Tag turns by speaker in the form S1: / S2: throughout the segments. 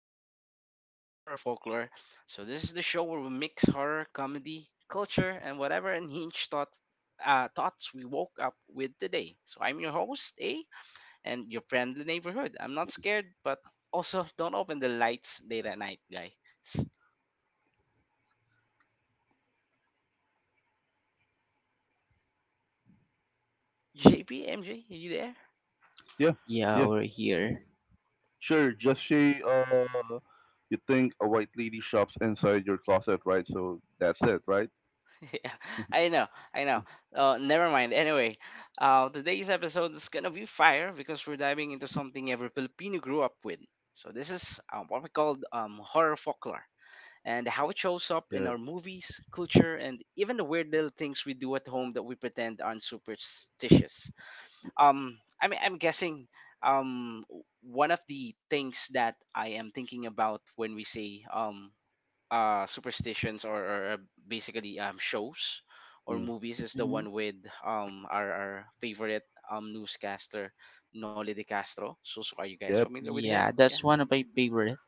S1: our Filipino horror folklore. So, this is the show where we mix horror, comedy, culture, and whatever unhinged thoughts we woke up with today. So, I'm your host, A, and your friendly neighborhood. I'm not scared, but also don't open the lights late at night, guys. JP, MJ, are you there?
S2: Yeah,
S3: Yeah,
S2: yeah,
S3: over here.
S2: sure. Just say you think a white lady shops inside your closet, right? So that's it, right?
S1: Yeah, I know, I know. Oh, never mind. Anyway, today's episode is gonna be fire because we're diving into something every Filipino grew up with. So this is what we call horror folklore, and how it shows up in
S2: Yeah.
S1: our movies, culture, and even the weird little things we do at home that we pretend aren't superstitious. I mean, I'm guessing, um, one of the things that I am thinking about when we say superstitions, or basically shows or
S2: Mm.
S1: movies, is the
S3: hmm
S1: one with our favorite newscaster, Noli De Castro. So, are you guys
S2: Yep.
S1: familiar with him?
S3: Yeah,
S1: Yeah.
S3: that's one of my favorite.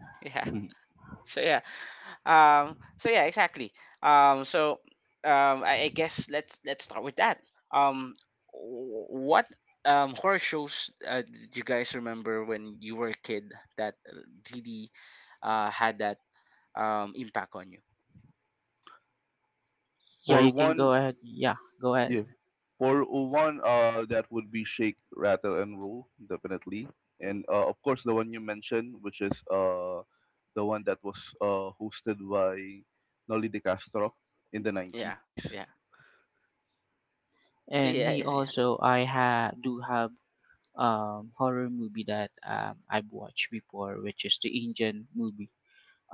S1: Yeah.
S2: Mhm.
S1: So yeah. So yeah, exactly. So I guess, let's start with that. Um what horror shows, did you guys remember when you were a kid that really had that impact on you?
S3: Yeah,
S2: For
S3: you can
S2: one,
S3: go ahead. Yeah, go ahead.
S2: yeah, for one, that would be Shake, Rattle, and Roll, definitely. And of course, the one you mentioned, which is the one that was hosted by Nolly De Castro in the
S1: Yeah.
S2: nineties.
S1: Yeah. So
S3: And me
S1: yeah, yeah.
S3: also, I ha do have horror movie that I've watched before, which is the Indian movie.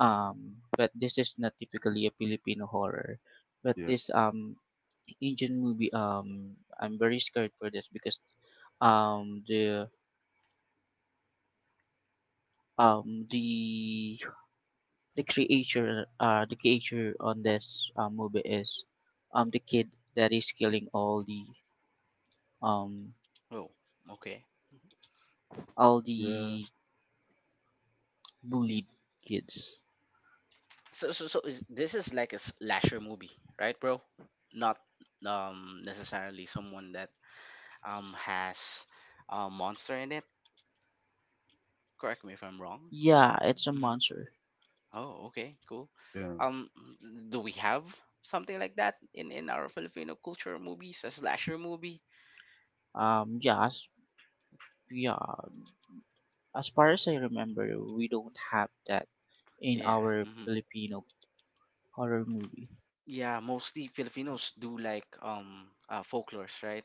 S3: But this is not typically a Filipino horror, but
S2: Yeah.
S3: this Indian movie. I'm very scared for this because um the um the the creature the creature on this movie is the kid that is killing um
S1: Oh, okay.
S3: all
S2: Yeah.
S3: the bullied kids.
S1: So is this is like a slasher movie, right, bro? Not necessarily someone that has a monster in it. Correct me if I'm wrong.
S3: Yeah, it's a
S1: Hmm.
S3: monster.
S1: Oh, okay, cool.
S2: Yeah.
S1: Um, do we have something like that in our Filipino culture movies, a slasher movie?
S3: um yeah as, yeah, as far as I remember, we don't have that in
S1: Yeah.
S3: our
S1: Mm-hmm.
S3: Filipino horror movie.
S1: Yeah, mostly Filipinos do like folklores, right?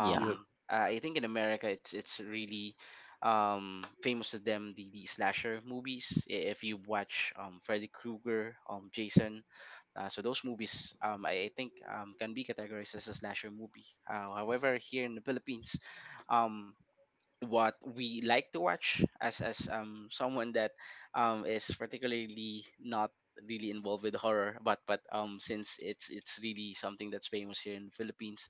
S3: Yeah.
S2: Yep.
S1: I think in America, it's really famous to them, the slasher movies. If you watch Freddy Krueger, Jason, so those movies, I think, can be categorized as a slasher movie. However, here in the Philippines, um what we like to watch, as someone that is particularly not really involved with horror, but since it's really something that's famous here in the Philippines,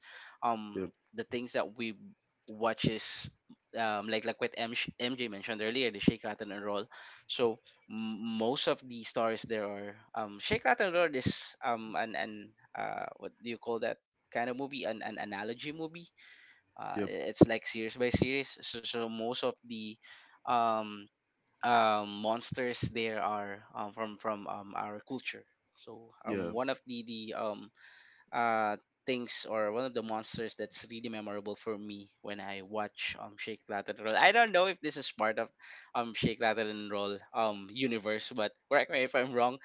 S2: Yep.
S1: um the things that we watch is, like like what MJ mentioned earlier, the Shake Rattle and Roll. So most of the stories there are, Shake Rattle and Roll is, an what do you call that kind of movie, an analogy movie.
S2: Yep.
S1: uh, it's like series by series. So, most of the um, monsters there are, from our culture. so
S2: Yeah.
S1: um, one of the uh, things, or one of the monsters that's really memorable for me when I watch Shake Rattle and Roll. I don't know if this is part of Shake Rattle and Roll universe, but correct me if I'm wrong.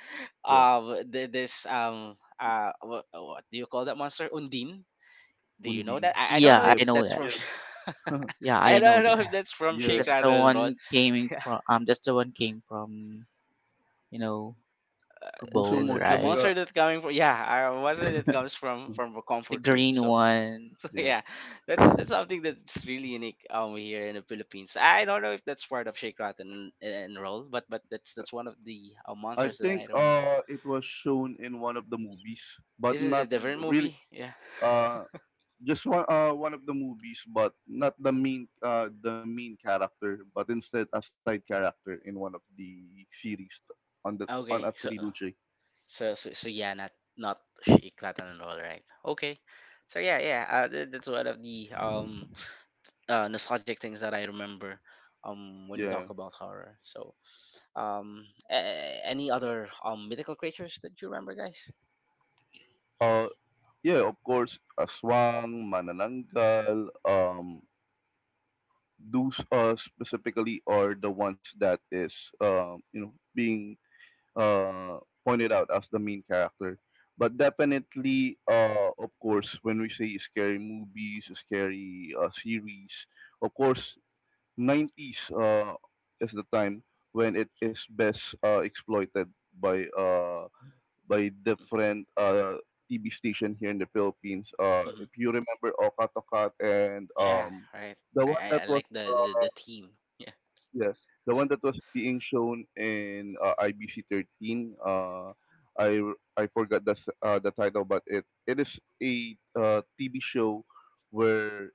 S2: Yeah.
S1: What do you call that monster? Undine. Do you know
S2: Undi.
S1: that? I don't know
S3: Yeah,
S1: if
S3: I
S2: Yep.
S3: know
S1: that's
S3: that.
S1: from.
S3: Yeah, I
S1: I don't
S3: know
S1: know
S3: that.
S1: if that's from
S2: Yeah,
S1: Shake
S3: That's the
S1: Rattle and Roll.
S3: one came from that's the one came from, you know,
S2: Kapuso
S3: bowl,
S2: Mo,
S1: A
S3: right?
S1: monster
S2: Jessica.
S1: that coming from, yeah, a monster
S2: Mm,
S1: that comes from
S2: mm,
S1: from a
S3: The
S1: comfort room.
S3: green
S1: So,
S3: one.
S1: so
S2: Yeah.
S1: yeah, that's something that's really unique, here in the Philippines. I don't know if that's part of Shake Rattle and Roll, but that's one of the,
S2: I
S1: monsters that
S2: think
S1: I remember.
S2: it was shown in one of the movies, but
S1: Is it a
S2: not
S1: different
S2: really
S1: movie? Yeah.
S2: uh just one one of the movies, but not the main the main character, but instead a side character in one of the series on a
S1: Okay. So
S2: trilogy.
S1: so so, so yeah, not Shake Rattle and Roll, right? Okay. So yeah, yeah, that's one of the nostalgic things that I remember, when we
S2: Yeah.
S1: talk about horror. So, um, any other mythical creatures that you remember, guys?
S2: Uh yeah, of course, Aswang, Manananggal, those specifically are the ones that is you know being uh, pointed out as the main character. But definitely, of course, when we say scary movies, scary series, of course, 90s is the time when it is best exploited by uh, by different TV station here in the Philippines.
S1: Hmm.
S2: If you remember Okatokat and
S1: Yeah, right.
S2: the
S1: I,
S2: one
S1: I,
S2: that
S1: I
S2: was
S1: like the, the, the theme. Yeah.
S2: yeah, the one that was being shown in IBC 13. I I forgot the the title, but it is a TV show where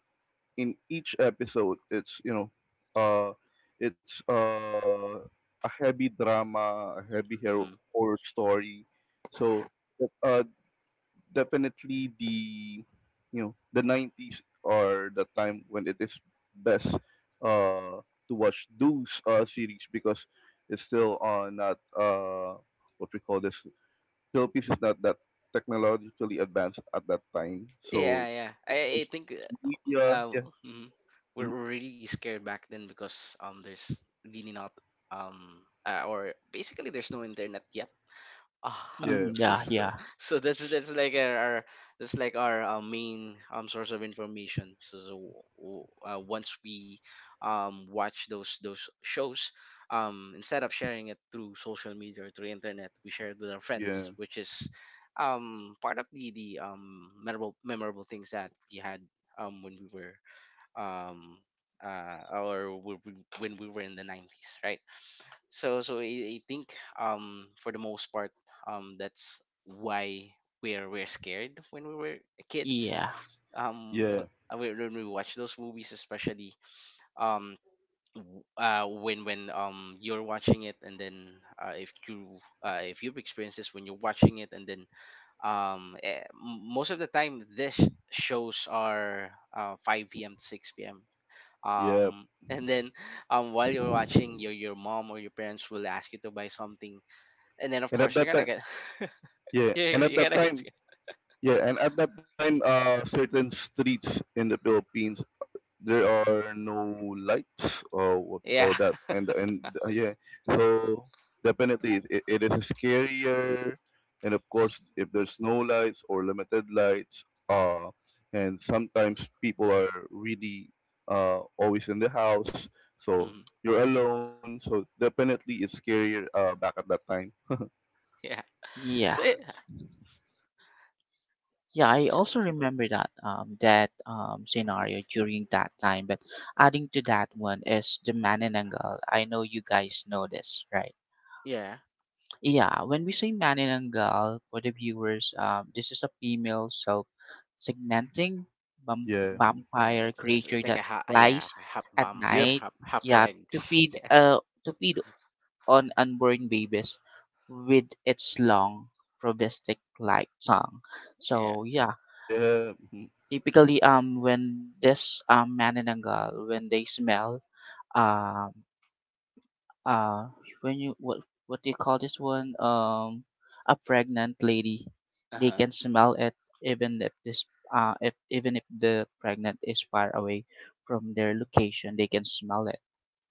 S2: in each episode it's you know uh it's a heavy drama, a heavy hero,
S1: Hmm.
S2: horror story. So uh definitely the the 90s are the time when it is best uh to watch those series because it's still not what we call this, Philippines is not that technologically advanced at that time, so
S1: Yeah, yeah. I
S2: most
S1: think,
S2: media,
S1: uh, mm we're
S2: mhm,
S1: we're really scared back then, because, there's really not, um, or basically there's no internet yet. Ah,
S3: Mm,
S2: yeah
S1: so,
S3: yeah,
S1: so, so
S3: yeah,
S1: so that's like our main source of information. So, once we watch those shows, instead of sharing it through social media or through internet, we share it with our
S2: yeah
S1: friends, which is part of the memorable things that we had, when we were, um when we were in the 90s, right? So I think, for the most part, that's why we're scared when we were kids,
S3: yeah,
S2: yeah
S1: when we watch those movies, especially um when you're watching it, and then, if you, if you've experienced this when you're watching it, and then, most of the time this shows are, 5 p.m. to 6 p.m.,
S2: yeah
S1: and then, while you're watching, your mom or your parents will ask you to buy something, and then of
S2: and at
S1: course you're
S2: that
S1: gonna
S2: time
S1: get.
S2: yeah
S1: Yeah,
S2: and
S1: you're
S2: at
S1: you're
S2: that
S1: gonna get
S2: time yeah, and at that time certain streets in the Philippines there are no lights or what we
S1: yeah.
S2: call that, and yeah, so definitely it is scarier, and of course if there's no lights or limited lights, uh and sometimes people are really always in the house,
S1: mm,
S2: so you're alone, so definitely it's scarier back at that time.
S1: yeah,
S3: yeah,
S1: so
S3: yeah. I
S1: so-
S3: also remember that scenario during that time. But adding to that one is the Maninanggal. I know you guys know this, right?
S1: yeah,
S3: Yeah, when we say Maninanggal for the viewers, this is a female self-segmenting
S2: Yeah.
S1: yeah,
S3: vampire
S1: it's, it's,
S3: creature
S1: it's like
S3: that
S1: a yeah,
S3: flies
S1: half
S3: at
S1: vampire,
S2: Yep.
S3: night.
S1: half
S3: Yeah, to
S1: legs.
S3: feed
S1: Yeah,
S3: uh to feed on unborn babies with its long probistic like tongue.
S1: yeah.
S3: So yeah,
S2: Yeah. Mhm.
S3: typically when this man and a girl when they smell um uh when you what do you call this one, a pregnant lady, they
S1: Uh-huh.
S3: can smell it even if this if even if the pregnant is far away from their location, they can smell it.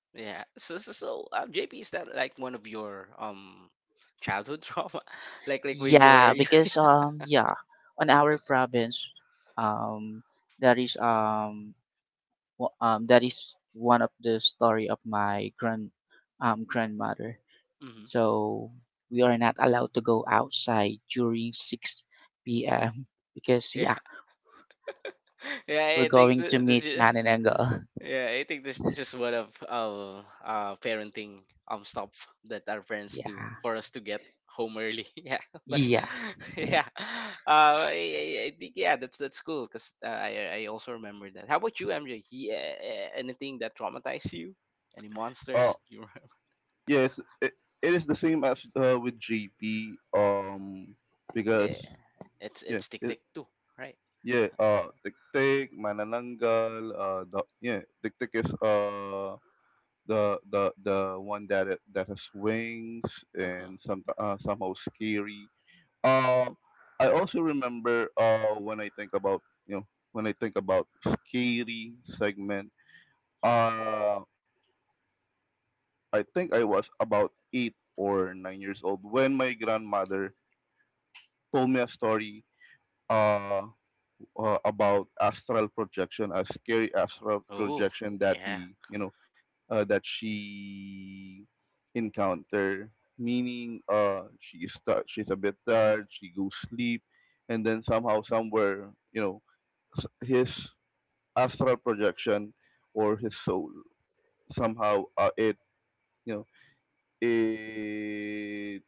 S1: Yeah. So, JP, is that like one of your childhood trauma? Like when you were...
S3: Yeah,
S1: Yeah.
S3: because on our province, um that is that is one of the story of my grandmother.
S1: Mhm.
S3: So we are not allowed to go outside during 6 p.m. because yeah,
S1: Yeah.
S3: we're
S1: Yeah, I think
S3: going to
S1: the,
S3: meet
S1: the
S3: man and angle.
S1: Yeah, I think this is one of, parenting stuff that our parents do
S3: Yeah.
S1: for us to get home early. Yeah, but
S3: Yeah.
S1: yeah, I think, yeah, that's cool because, I also remember that. How about you, MJ? Anything that traumatized you? Any
S2: Uh,
S1: monsters? You remember?
S2: yes. It is the same as with JP.
S1: Yeah,
S2: Because
S1: it's
S2: Yeah,
S1: it's tick
S2: y-
S1: tick too, right?
S2: yeah. Tiktik, Manananggal. Tiktik is the the one that that has wings
S1: Uh huh.
S2: and somehow scary. Um, I also remember when I think about, you know, when I think about scary segment. Uh, I think I was about 8 or 9 years old when my grandmother told me a story. uh, about astral projection, a scary astral
S1: Oh
S2: projection that
S1: yeah,
S2: you know, that she encounter. Meaning, she is she's a bit tired. She goes sleep, and then somehow, somewhere, you know, his astral projection or his soul somehow you know, it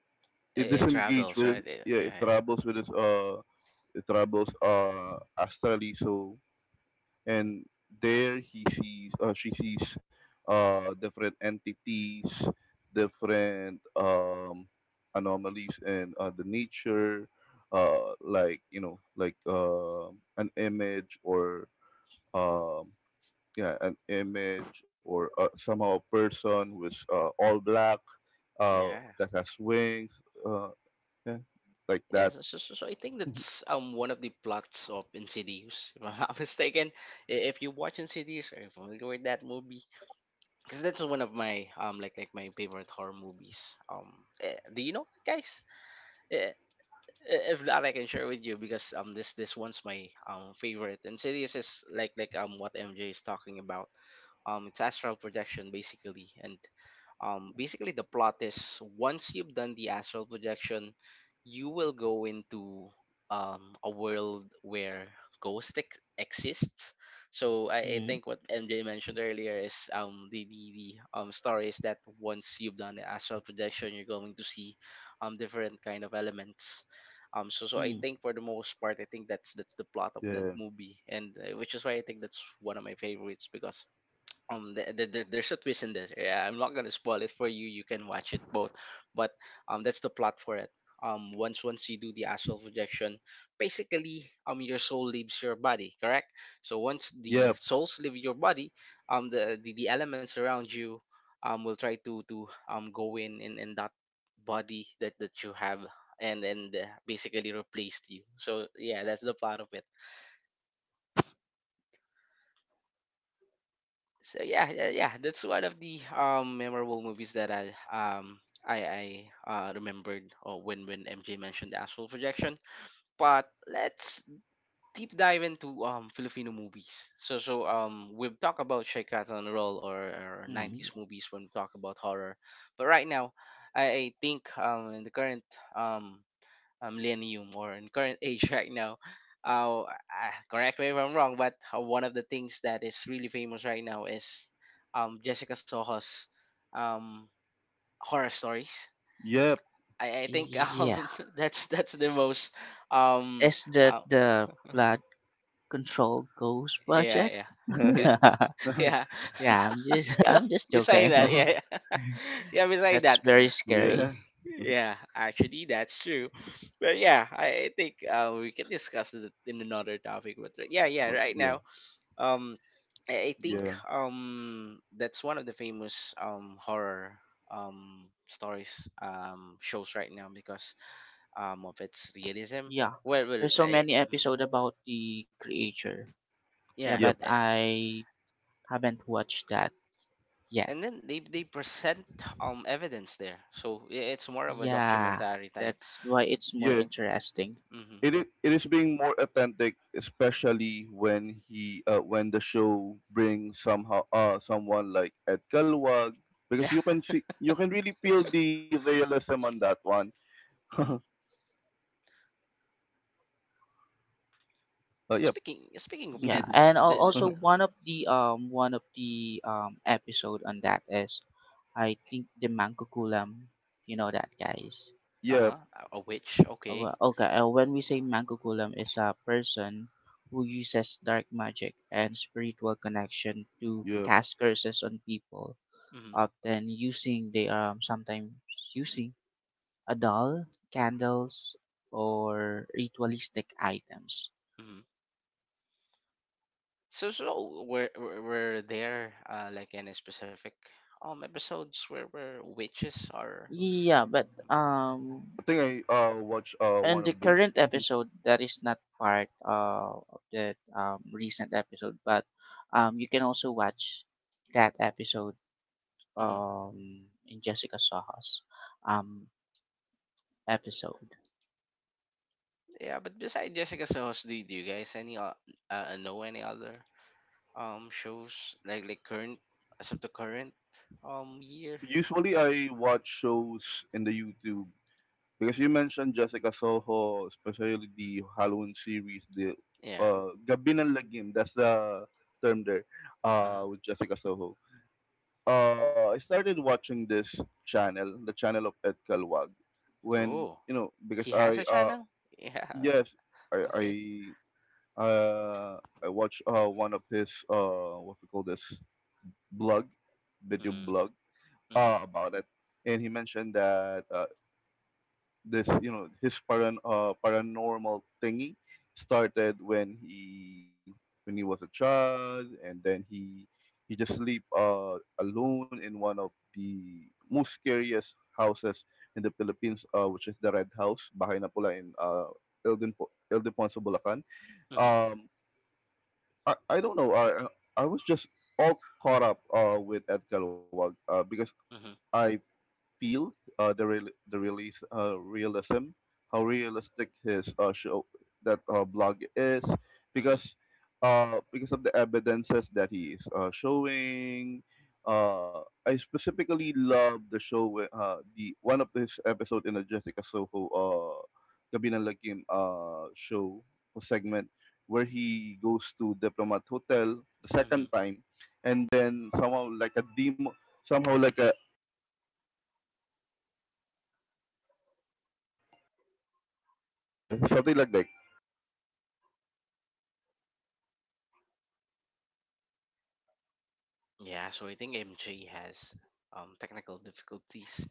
S2: it
S1: it
S2: disengage
S1: travels,
S2: with,
S1: right?
S2: yeah, it
S1: Yeah,
S2: travels with his, it travels astrally. So, and there he sees, she sees different entities, different anomalies in the nature, like, you know, like an image or, um, yeah an image or somehow a person with, all black,
S1: yeah,
S2: uh,
S1: yeah.
S2: that has wings uh, yeah, like
S1: Yes,
S2: that.
S1: so I think that's one of the plots of Insidious, if I'm not mistaken. If you watch Insidious, are you familiar with that movie? Because that's one of my like my favorite horror movies. Do you know that, guys? Eh, If not, I can share with you because, this one's my favorite. Insidious is like what MJ is talking about. It's astral projection basically, and, basically, the plot is once you've done the astral projection, you will go into, a world where ghost exists. So I
S3: Mm.
S1: think what MJ mentioned earlier is, the story is that once you've done the astral projection, you're going to see, different kind of elements. So I
S3: Mm.
S1: think, for the most part, I think that's the plot of that
S2: Yeah.
S1: movie, and, which is why I think that's one of my favorites because, there's a twist in this. Yeah, I'm not gonna spoil it for you, you can watch it both. But that's the plot for it. Once you do the astral projection, basically, your soul leaves your body. Correct? So once the
S2: Yep.
S1: souls leave your body, the elements around you, will try to, go in, in that body that you have, and, basically replaced you. So yeah, that's the plot of it. So yeah, yeah, yeah, that's one of the memorable movies that I remembered, when MJ mentioned the astral projection. But let's deep dive into Filipino movies. So, we've talked about Shaykat on Roll, or 90s
S3: Mm.
S1: movies when we talk about horror. But right now, I think, in the current, um millennium, or in current age right now. Correct me if I'm wrong, but, one of the things that is really famous right now is, Jessica Soho's um, horror stories.
S2: Yep.
S1: I think,
S3: Yeah.
S1: that's the most, um,
S3: Is that
S1: uh,
S3: the blood control ghost
S1: yeah,
S3: project?
S1: yeah, yeah.
S2: Yeah.
S1: Yeah.
S3: Yeah, I'm just I'm just
S1: Beside
S3: joking.
S1: that, yeah, yeah, yeah, beside that,
S3: That's very
S2: Yeah.
S3: scary.
S1: yeah. Actually, that's true. But yeah, I think, we can discuss it in another topic. But yeah, yeah,
S2: But
S1: right
S2: yeah,
S1: now. um. I think
S2: yeah,
S1: that's one of the famous, horror, stories, shows right now because, of its realism.
S3: Yeah.
S1: Well,
S3: There's so many episode about the creature. Yeah,
S1: yeah,
S3: but
S2: yep,
S3: I haven't watched that yet.
S1: and then they present, evidence there, so it's more of a
S3: Yeah,
S1: documentary type.
S3: that's why it's more
S2: yeah.
S3: interesting.
S1: Hmm.
S2: It is being more authentic, especially when he when the show brings somehow someone like Ed Kalwag, because
S1: Yeah.
S2: you can see, you can really feel the realism on that one. uh,
S1: Hmm. So
S2: yep,
S1: speaking of
S3: Yeah,
S1: Ed,
S3: and
S1: the
S3: also one of the episode on that is I think the Mangkukulam, you know that guys.
S1: uh
S2: yep,
S1: huh. A witch.
S3: Oh,
S1: Okay.
S3: well, okay, when we say Mangkukulam is a person who uses dark magic and spiritual connection to
S2: yep.
S3: cast curses on people, often using they sometimes using a doll, candles, or ritualistic items.
S1: Hmm. So were there, like any specific episodes where witches are?
S3: Yeah, but
S1: Mm-hmm.
S2: I think I watch
S3: in
S2: one
S3: the
S2: of those.
S3: current episode that is not part of the recent episode, but you can also watch that episode
S1: Mm-hmm.
S3: um in Jessica Saha's um episode.
S1: Yeah, but beside Jessica's Sohos, do you guys know any other shows, like current, as of the current year?
S2: Usually I watch shows in the YouTube. Because you mentioned Jessica Soho, especially the Halloween series, the
S1: Yeah.
S2: Gabi ng Lagim, that's the term there,
S1: Uh huh.
S2: with Jessica Soho. I started watching this channel, the channel of Ed Calwag, when,
S1: Oh,
S2: you know, because
S1: he has a
S2: I,
S1: channel. Yeah.
S2: yes,
S1: Okay.
S2: I, I, uh, I watched one of his, what we call this, blog, video
S1: Mm-hmm.
S2: blog,
S1: Mm-hmm.
S2: about it. And he mentioned that this, you know, his paranormal thingy started when he, when he was a child, and then he just sleep alone in one of the most scariest houses in the Philippines, which is the Red House, Bahay na Pula, in Ilden Ponce Bulacan.
S1: Mm-hmm.
S2: Um I, I don't know, I was just all caught up with Edgar Wag, because
S1: Mm-hmm.
S2: I feel, the real the release realism, how realistic his show, that blog is,
S1: Mm-hmm.
S2: because, because of the evidences that he is showing. I specifically love the show where, the one of his episode in the Jessica Soho Gabi ng Lagim show or segment, where he goes to Diplomat Hotel the
S1: Mm-hmm.
S2: second time, and then somehow like a demo, somehow like a, yeah, something like that.
S1: Yeah, so I think MJ has technical difficulties.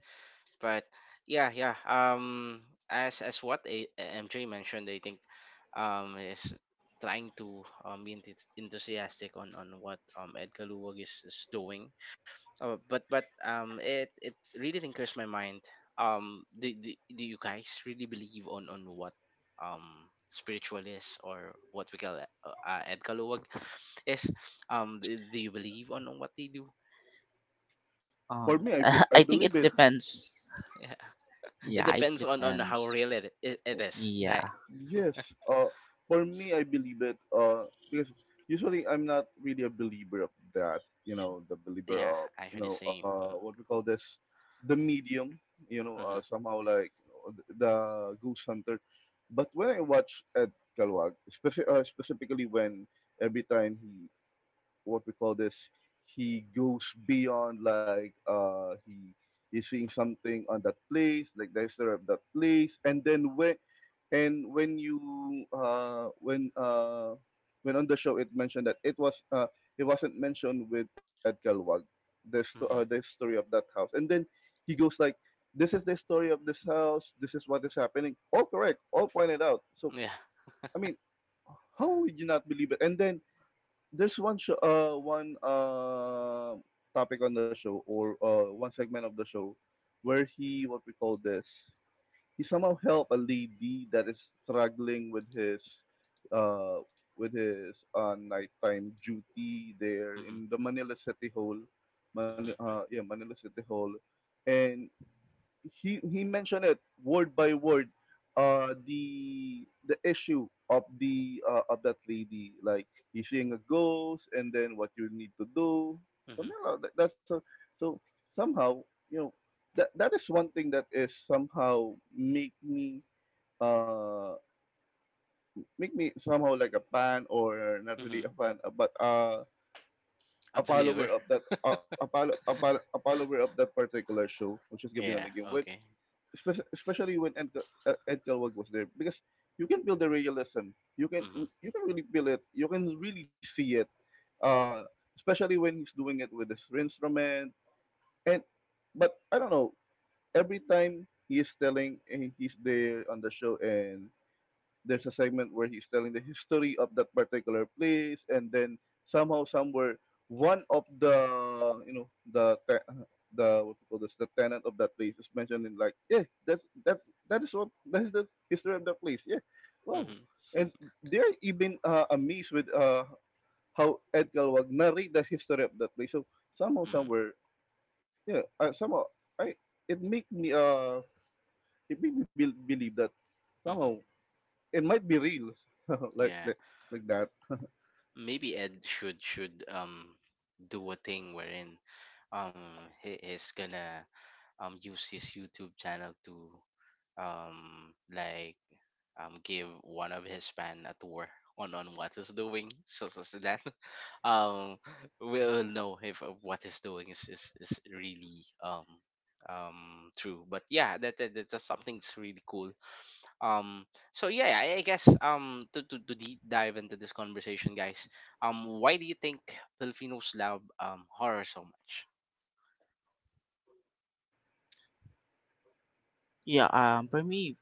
S1: But yeah, yeah. As what MJ mentioned, I think is trying to be enthusiastic on what Edgar Luwag is doing. Oh, but it it really tinkers my mind. Do you guys really believe on what um spiritual is, or what we call edkaluwag is? Do you believe on, what they do?
S2: For
S3: Um
S2: me, I
S3: I think
S2: believe
S3: it
S2: it.
S3: depends.
S1: Yeah, it
S3: Yeah, it
S1: depends on how
S3: depends.
S1: real it is, right?
S3: Yeah.
S2: Yes. Uh, for me, I believe it. Because usually I'm not really a believer of that. You know, the believer
S1: Yeah,
S2: of, you
S1: actually,
S2: know,
S1: same. Mm.
S2: what we call this, the medium. You know,
S1: Uh huh.
S2: somehow like the goose hunter. But when I watch Ed Kalwag, specifically, when every time he, what we call this, he goes beyond like, he is seeing something on that place, like the history of that place, and then when, and when you when on the show it mentioned that it was, it wasn't mentioned with Edgar Wag the, the
S1: Mm-hmm.
S2: story of that house, and then he goes like, this is the story of this house, this is what is happening, all correct, all pointed out. So
S1: Yeah.
S2: I mean, how would you not believe it? And then there's one show, one topic on the show, or one segment of the show where he, what we call this, he somehow helped a lady that is struggling with uh, with his nighttime duty there
S1: Mm-hmm.
S2: in the Manila City Hall,
S1: Mm-hmm.
S2: Manila City Hall, and he mentioned it word by word, the issue of the, of that lady, like he's seeing a ghost, and then what you need to do,
S1: Mm-hmm.
S2: something like that. That's a, so Somehow, you know, that is one thing that is somehow uh make me somehow like a fan, or not
S1: Mm-hmm.
S2: really a fan, but
S1: A
S2: a
S1: believer.
S2: follower of that, a follower of that particular show, which is Gabi Gabina
S1: Yeah.
S2: Legume,
S1: Okay.
S2: especially, especially when Ed, Ed Galwag was there, because you can build the realism, you can,
S1: Mm-hmm.
S2: you can really feel it, you can really see it, uh especially when he's doing it with his instrument. And, but I don't know, every time he's telling, and he's there on the show, and there's a segment where he's telling the history of that particular place, and then somehow somewhere, one of the, you know, the what you call this, the tenant of that place is mentioned in like, yeah, that is what, that is the history of that place. Yeah, wow.
S1: Mm-hmm.
S2: And they're even amazed with how Edgar Wag narrate the history of that place, so somehow
S1: Mm-hmm.
S2: somewhere, yeah, somehow, I it make me it made me believe that somehow
S1: Mm-hmm.
S2: it might be real, like,
S1: Yeah.
S2: like like that.
S1: Maybe Ed should do a thing wherein um he is gonna use his YouTube channel to, um like give one of his fan a tour on what he's doing, so so that um we'll know if what he's doing is really true. But yeah, that that's something's really cool. um so yeah, I guess, to deep dive into this conversation, guys, why do you think Filipinos love horror so much?
S3: Yeah, for me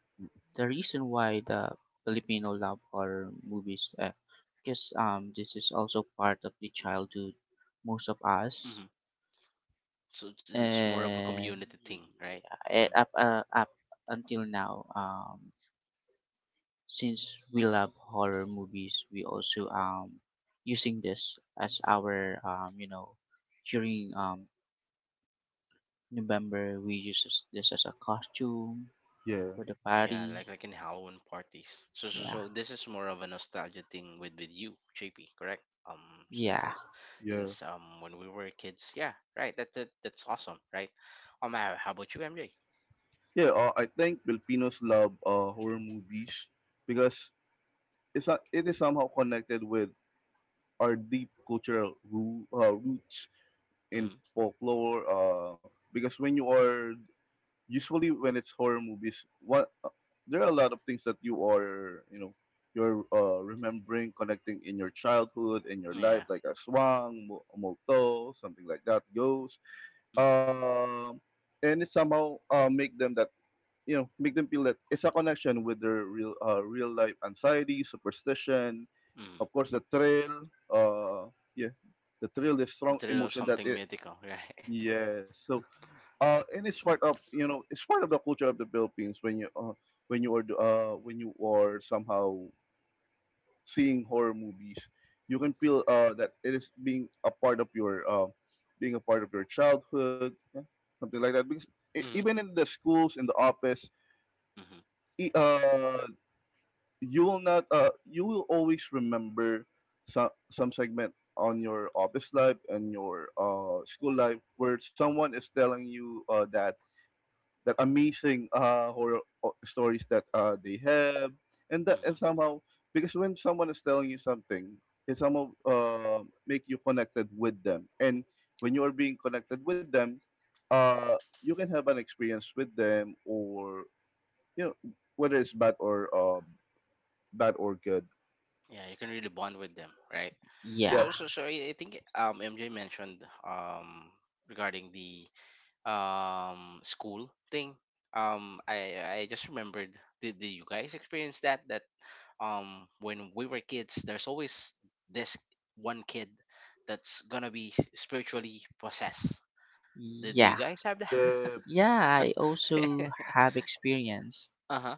S3: the reason why the Filipino love horror movies because this is also part of the childhood most of us.
S1: Hmm. So it's more of a
S3: And
S1: community thing, right?
S3: yeah,
S1: Hmm.
S3: up until now. Since we love horror movies, we also, using this as our you know, during November, we use this this as a costume
S2: Yeah,
S3: for the
S1: Yeah, like
S3: party.
S1: in Halloween parties. So,
S3: Yeah,
S1: so this is more of a nostalgia thing with you, JP, correct? um so this
S3: yeah,
S1: is
S2: yeah.
S1: since when we were kids, yeah. Right, that that's awesome, right? How about you, MJ?
S2: Yeah, I think Filipinos love horror movies because it's not, it is somehow connected with our deep cultural roots in
S1: Mm-hmm.
S2: folklore. Because when you are, usually when it's horror movies, what there are a lot of things that you are, you know, you're remembering, connecting in your childhood, in your life,
S1: Yeah.
S2: like a swang, molto, something like that, ghost.
S1: Mm-hmm.
S2: Um, and it somehow make them that, you know, make them feel that it's a connection with their real real life anxiety, superstition.
S1: Mm-hmm.
S2: Of course, the thrill. Uh, yeah, the thrill is
S1: The
S2: strong
S1: thrill of
S2: emotion that
S1: something
S2: it.
S1: mythical. Right.
S2: Yeah, so and it's part of, you know, it's part of the culture of the Philippines, when you are somehow seeing horror movies, you can feel that it is being a part of your being a part of your childhood, yeah, something like that. Because
S1: Mm-hmm.
S2: even in the schools, in the office,
S1: Hmm.
S2: e- uh, you will not you will always remember some segment on your office life and your school life where someone is telling you that that amazing horror stories that they have, and that, and
S1: Hmm.
S2: somehow, because when someone is telling you something, it somehow make you connected with them, and when you are being connected with them, uh, you can have an experience with them, or, you know, whether it's bad or, bad or good.
S1: Yeah, you can really bond with them, right?
S3: yeah,
S1: So,
S2: Yep,
S1: so I think MJ mentioned, regarding the school thing. I just remembered. Did you guys experience that? That, when we were kids, there's always this one kid that's gonna be spiritually possessed. Do you
S3: yeah,
S1: guys have that?
S2: yep,
S3: yeah. I also have experience
S1: Uh huh.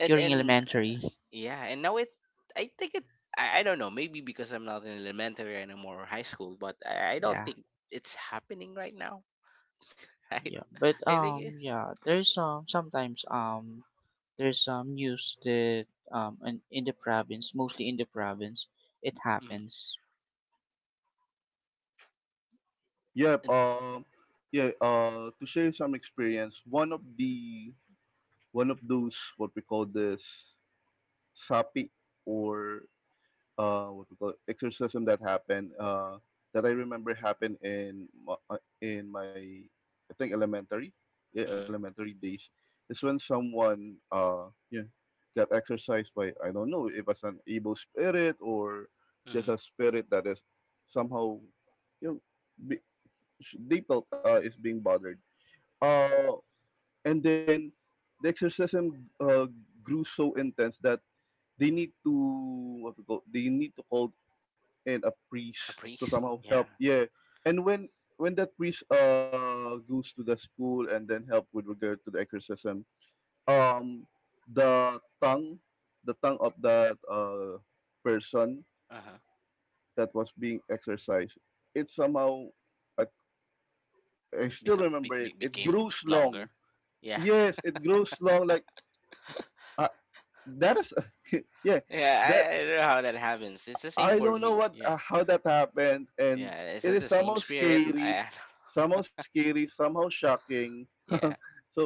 S1: And
S3: during
S1: and
S3: elementary.
S1: yeah, and now I think I don't know, maybe because I'm not in elementary anymore or high school, but I don't
S3: Yeah,
S1: think it's happening right now, right?
S3: yeah. But
S1: I think it,
S3: yeah. There's sometimes there's some news that in the province, mostly in the province, it
S1: mm.
S3: happens.
S2: yep.
S1: And,
S2: Yeah. To share some experience, one of the, one of those, what we call this, sapi, or what we call it, exorcism that happened, that I remember happened in in my, I think elementary, yeah,
S1: mm-hmm.
S2: elementary days, is when someone yeah got exorcised by, I don't know if as an evil spirit or just
S1: Mm-hmm.
S2: a spirit that is somehow, you know, be, they felt is being bothered, uh and then the exorcism grew so intense that they need to, what we call, they need to call and a priest
S1: A
S2: to
S1: priest,
S2: somehow help.
S1: yeah.
S2: Yeah, and when that priest goes to the school and then help with regard to the exorcism, um, the tongue, the tongue of that person
S1: Uh-huh.
S2: that was being exorcised, it somehow, I, I still remember it. It
S1: Became
S2: grows
S1: longer,
S2: long.
S1: yeah.
S2: Yes, it grows long. Like uh, that is, yeah.
S1: Yeah,
S2: That,
S1: I don't know how that happens. It's the same
S2: I
S1: for
S2: don't
S1: me,
S2: know what
S1: yeah.
S2: how that happened, and
S1: Yeah, is it
S2: it
S1: the
S2: is
S1: same
S2: somehow
S1: spirit? I
S2: scary,
S1: don't.
S2: somehow scary, somehow shocking.
S1: Yeah.
S2: So,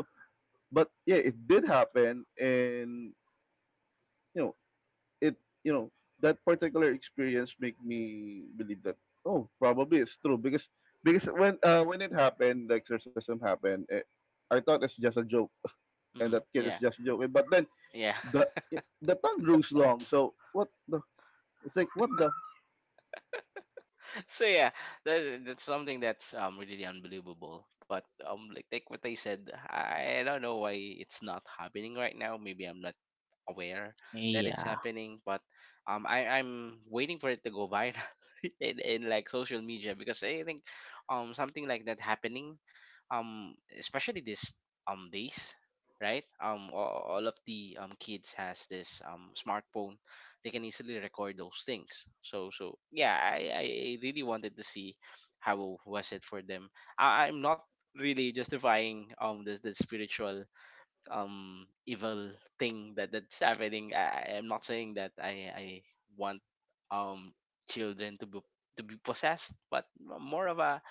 S2: but yeah, it did happen, and you know, it you know that particular experience make me believe that, oh, probably it's true, because when, when it happened, the exorcism happened. I thought it's just a joke, and
S1: Mm-hmm.
S2: that kid is
S1: Yeah.
S2: just joking. But then
S1: Yeah,
S2: the tongue grows long, so what the? It's like, what the?
S1: so yeah, that's something that's really unbelievable. But like what I said, I don't know why it's not happening right now. Maybe I'm not aware that it's
S3: Yeah.
S1: happening, but I I'm waiting for it to go viral in, like social media, because I think something like that happening, especially this, days, right? All of the kids has this smartphone. They can easily record those things. So so yeah, I really wanted to see how was it for them. I'm not really justifying this, the spiritual evil thing that that's happening. I'm not saying that I want um children to be, to be possessed, but more of a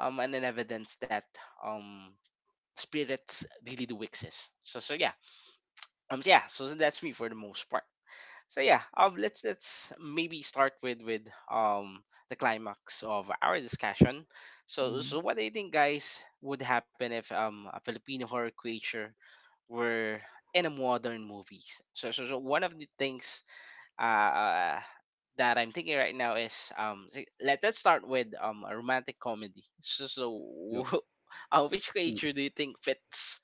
S1: an evidence that um spirits really do exist. So so yeah, yeah, so that's me for the most part. So yeah, let's maybe start with um the climax of our discussion. So, so
S3: Mm.
S1: what do you think, guys, would happen if a Filipino horror creature were in a modern movies? So, so, so one of the things uh, that I'm thinking right now is, let let's start with a romantic comedy. So, so which
S2: Yeah.
S1: creature do you think fits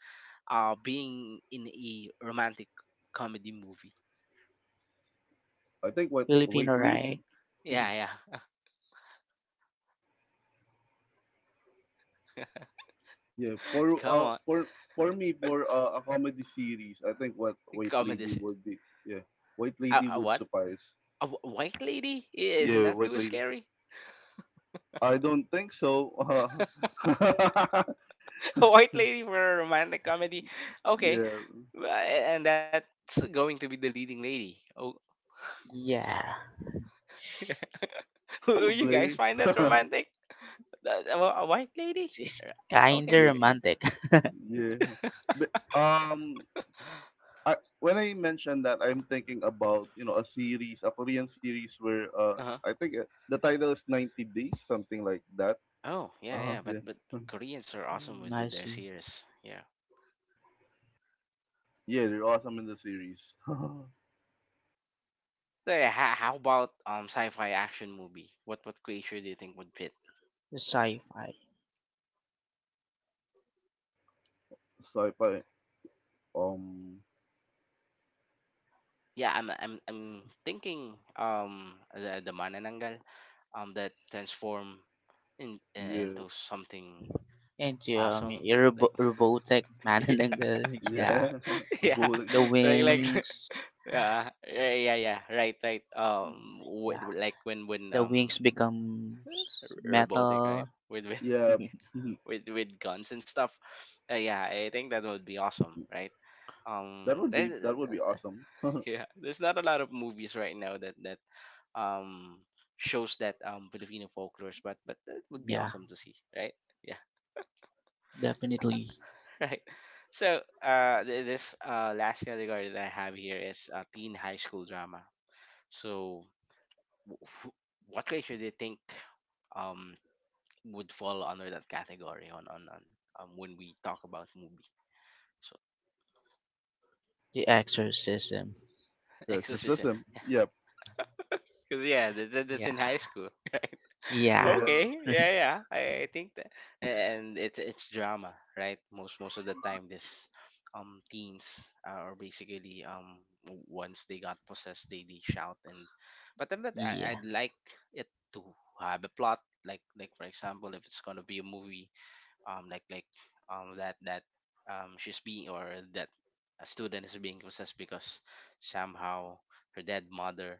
S1: being in a romantic comedy movie?
S2: I think what
S3: Filipino,
S2: wait leading
S3: right?
S1: Yeah, yeah.
S2: yeah for
S1: Come on,
S2: for me for a comedy series, I think what White
S1: comedy.
S2: Lady would be, yeah, White Lady would
S1: What?
S2: suffice,
S1: A white lady? Isn't
S2: yeah,
S1: that
S2: White
S1: too
S2: Lady.
S1: scary?
S2: I don't think so.
S1: A white lady for a romantic comedy? Okay.
S2: Yeah,
S1: Well, and that's going to be the leading lady. Oh.
S3: Yeah.
S1: Who? You guys
S2: probably.
S1: find that romantic? That- A a white lady?
S3: It's
S1: Yeah. Okay,
S3: kinda
S2: Yeah,
S1: really.
S3: romantic.
S2: yeah, but I when I mentioned that, I'm thinking about, you know, a series, a Korean series, where
S1: Uh-huh.
S2: I think the title is 90 Days, something like that.
S1: Oh, yeah,
S2: Uh huh.
S1: yeah,
S2: Yeah.
S1: but Koreans are awesome
S3: Mm,
S1: with
S3: I
S1: their
S3: see.
S1: series. Yeah.
S2: Yeah, they're awesome in the series.
S1: So, yeah, how about sci-fi action movie? What creature do you think would fit?
S3: The sci-fi.
S2: Sci-fi. Um.
S1: Yeah, I'm thinking, the manananggal, that transform in,
S2: Yeah.
S1: into something
S3: And
S1: awesome,
S3: your
S1: like
S3: robotic man and the
S1: yeah.
S3: girl? Yeah.
S2: Yeah.
S1: Yeah,
S2: Robotic.
S3: The
S1: like
S3: wings.
S1: yeah, yeah, yeah, yeah. Right, right.
S3: Yeah.
S1: With like when
S3: The wings becomes
S1: robotic, right?
S3: metal.
S1: With
S2: Yeah.
S1: with guns and stuff. Yeah, I think that would be awesome, right?
S2: That would be,
S1: There's
S2: that would be awesome.
S1: yeah, there's not a lot of movies right now that um shows that Filipino folklore, but that would be
S3: Yeah.
S1: awesome to see, right? Yeah.
S3: Definitely.
S1: Right. So this last category that I have here is, teen high school drama. So, wh- what ratio do you think um would fall under that category on, on, when we talk about movie? So
S3: The exorcism.
S2: Yeah,
S1: exorcism,
S2: criticism. Yep.
S1: because yeah, that's in
S3: Yeah.
S1: high school.
S3: Yeah.
S2: Yeah.
S1: Okay, yeah, yeah, I think that, and it's drama, right? Most of the time, this teens are basically once they got possessed, they shout and, but then but
S3: Yeah.
S1: I, I'd like it to have a plot. Like for example, if it's gonna be a movie, like that she's being, or that a student is being possessed because somehow her dead mother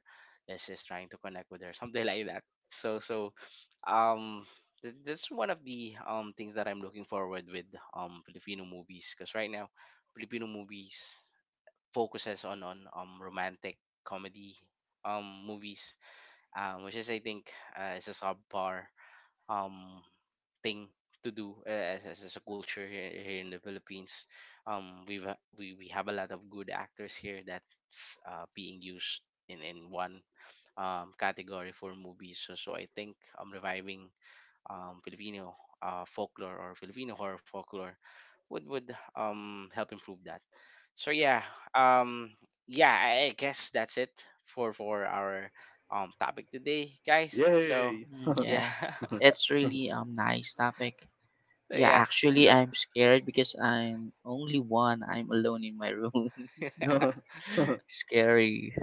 S1: is trying to connect with her something like that. So so, um that's one of the things that I'm looking forward with Filipino movies, because right now Filipino movies focuses on romantic comedy movies, which is I think, is a subpar um thing to do as, as a culture here, in the Philippines. We have a lot of good actors here that's being used in, one category for movies. So, so I think, reviving Filipino folklore, or Filipino horror folklore, would help improve that. So yeah, um, yeah, I guess that's it for our topic today, guys. So
S2: Yay.
S3: Mm,
S1: yeah.
S3: yeah. It's really nice topic.
S1: So
S3: Yeah,
S1: yeah.
S3: actually,
S2: Yep.
S3: I'm scared because I'm only one. I'm alone in my room. Scary.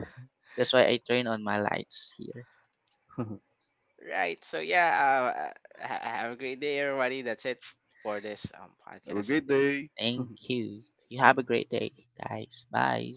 S3: That's why I turn on my lights here.
S2: Have
S1: Right. So yeah, have a great day, everybody. That's it for this
S2: a
S1: podcast
S2: great
S1: today.
S2: day.
S3: Thank you. You
S1: Thank
S3: have a
S1: you.
S3: great day, guys. Bye.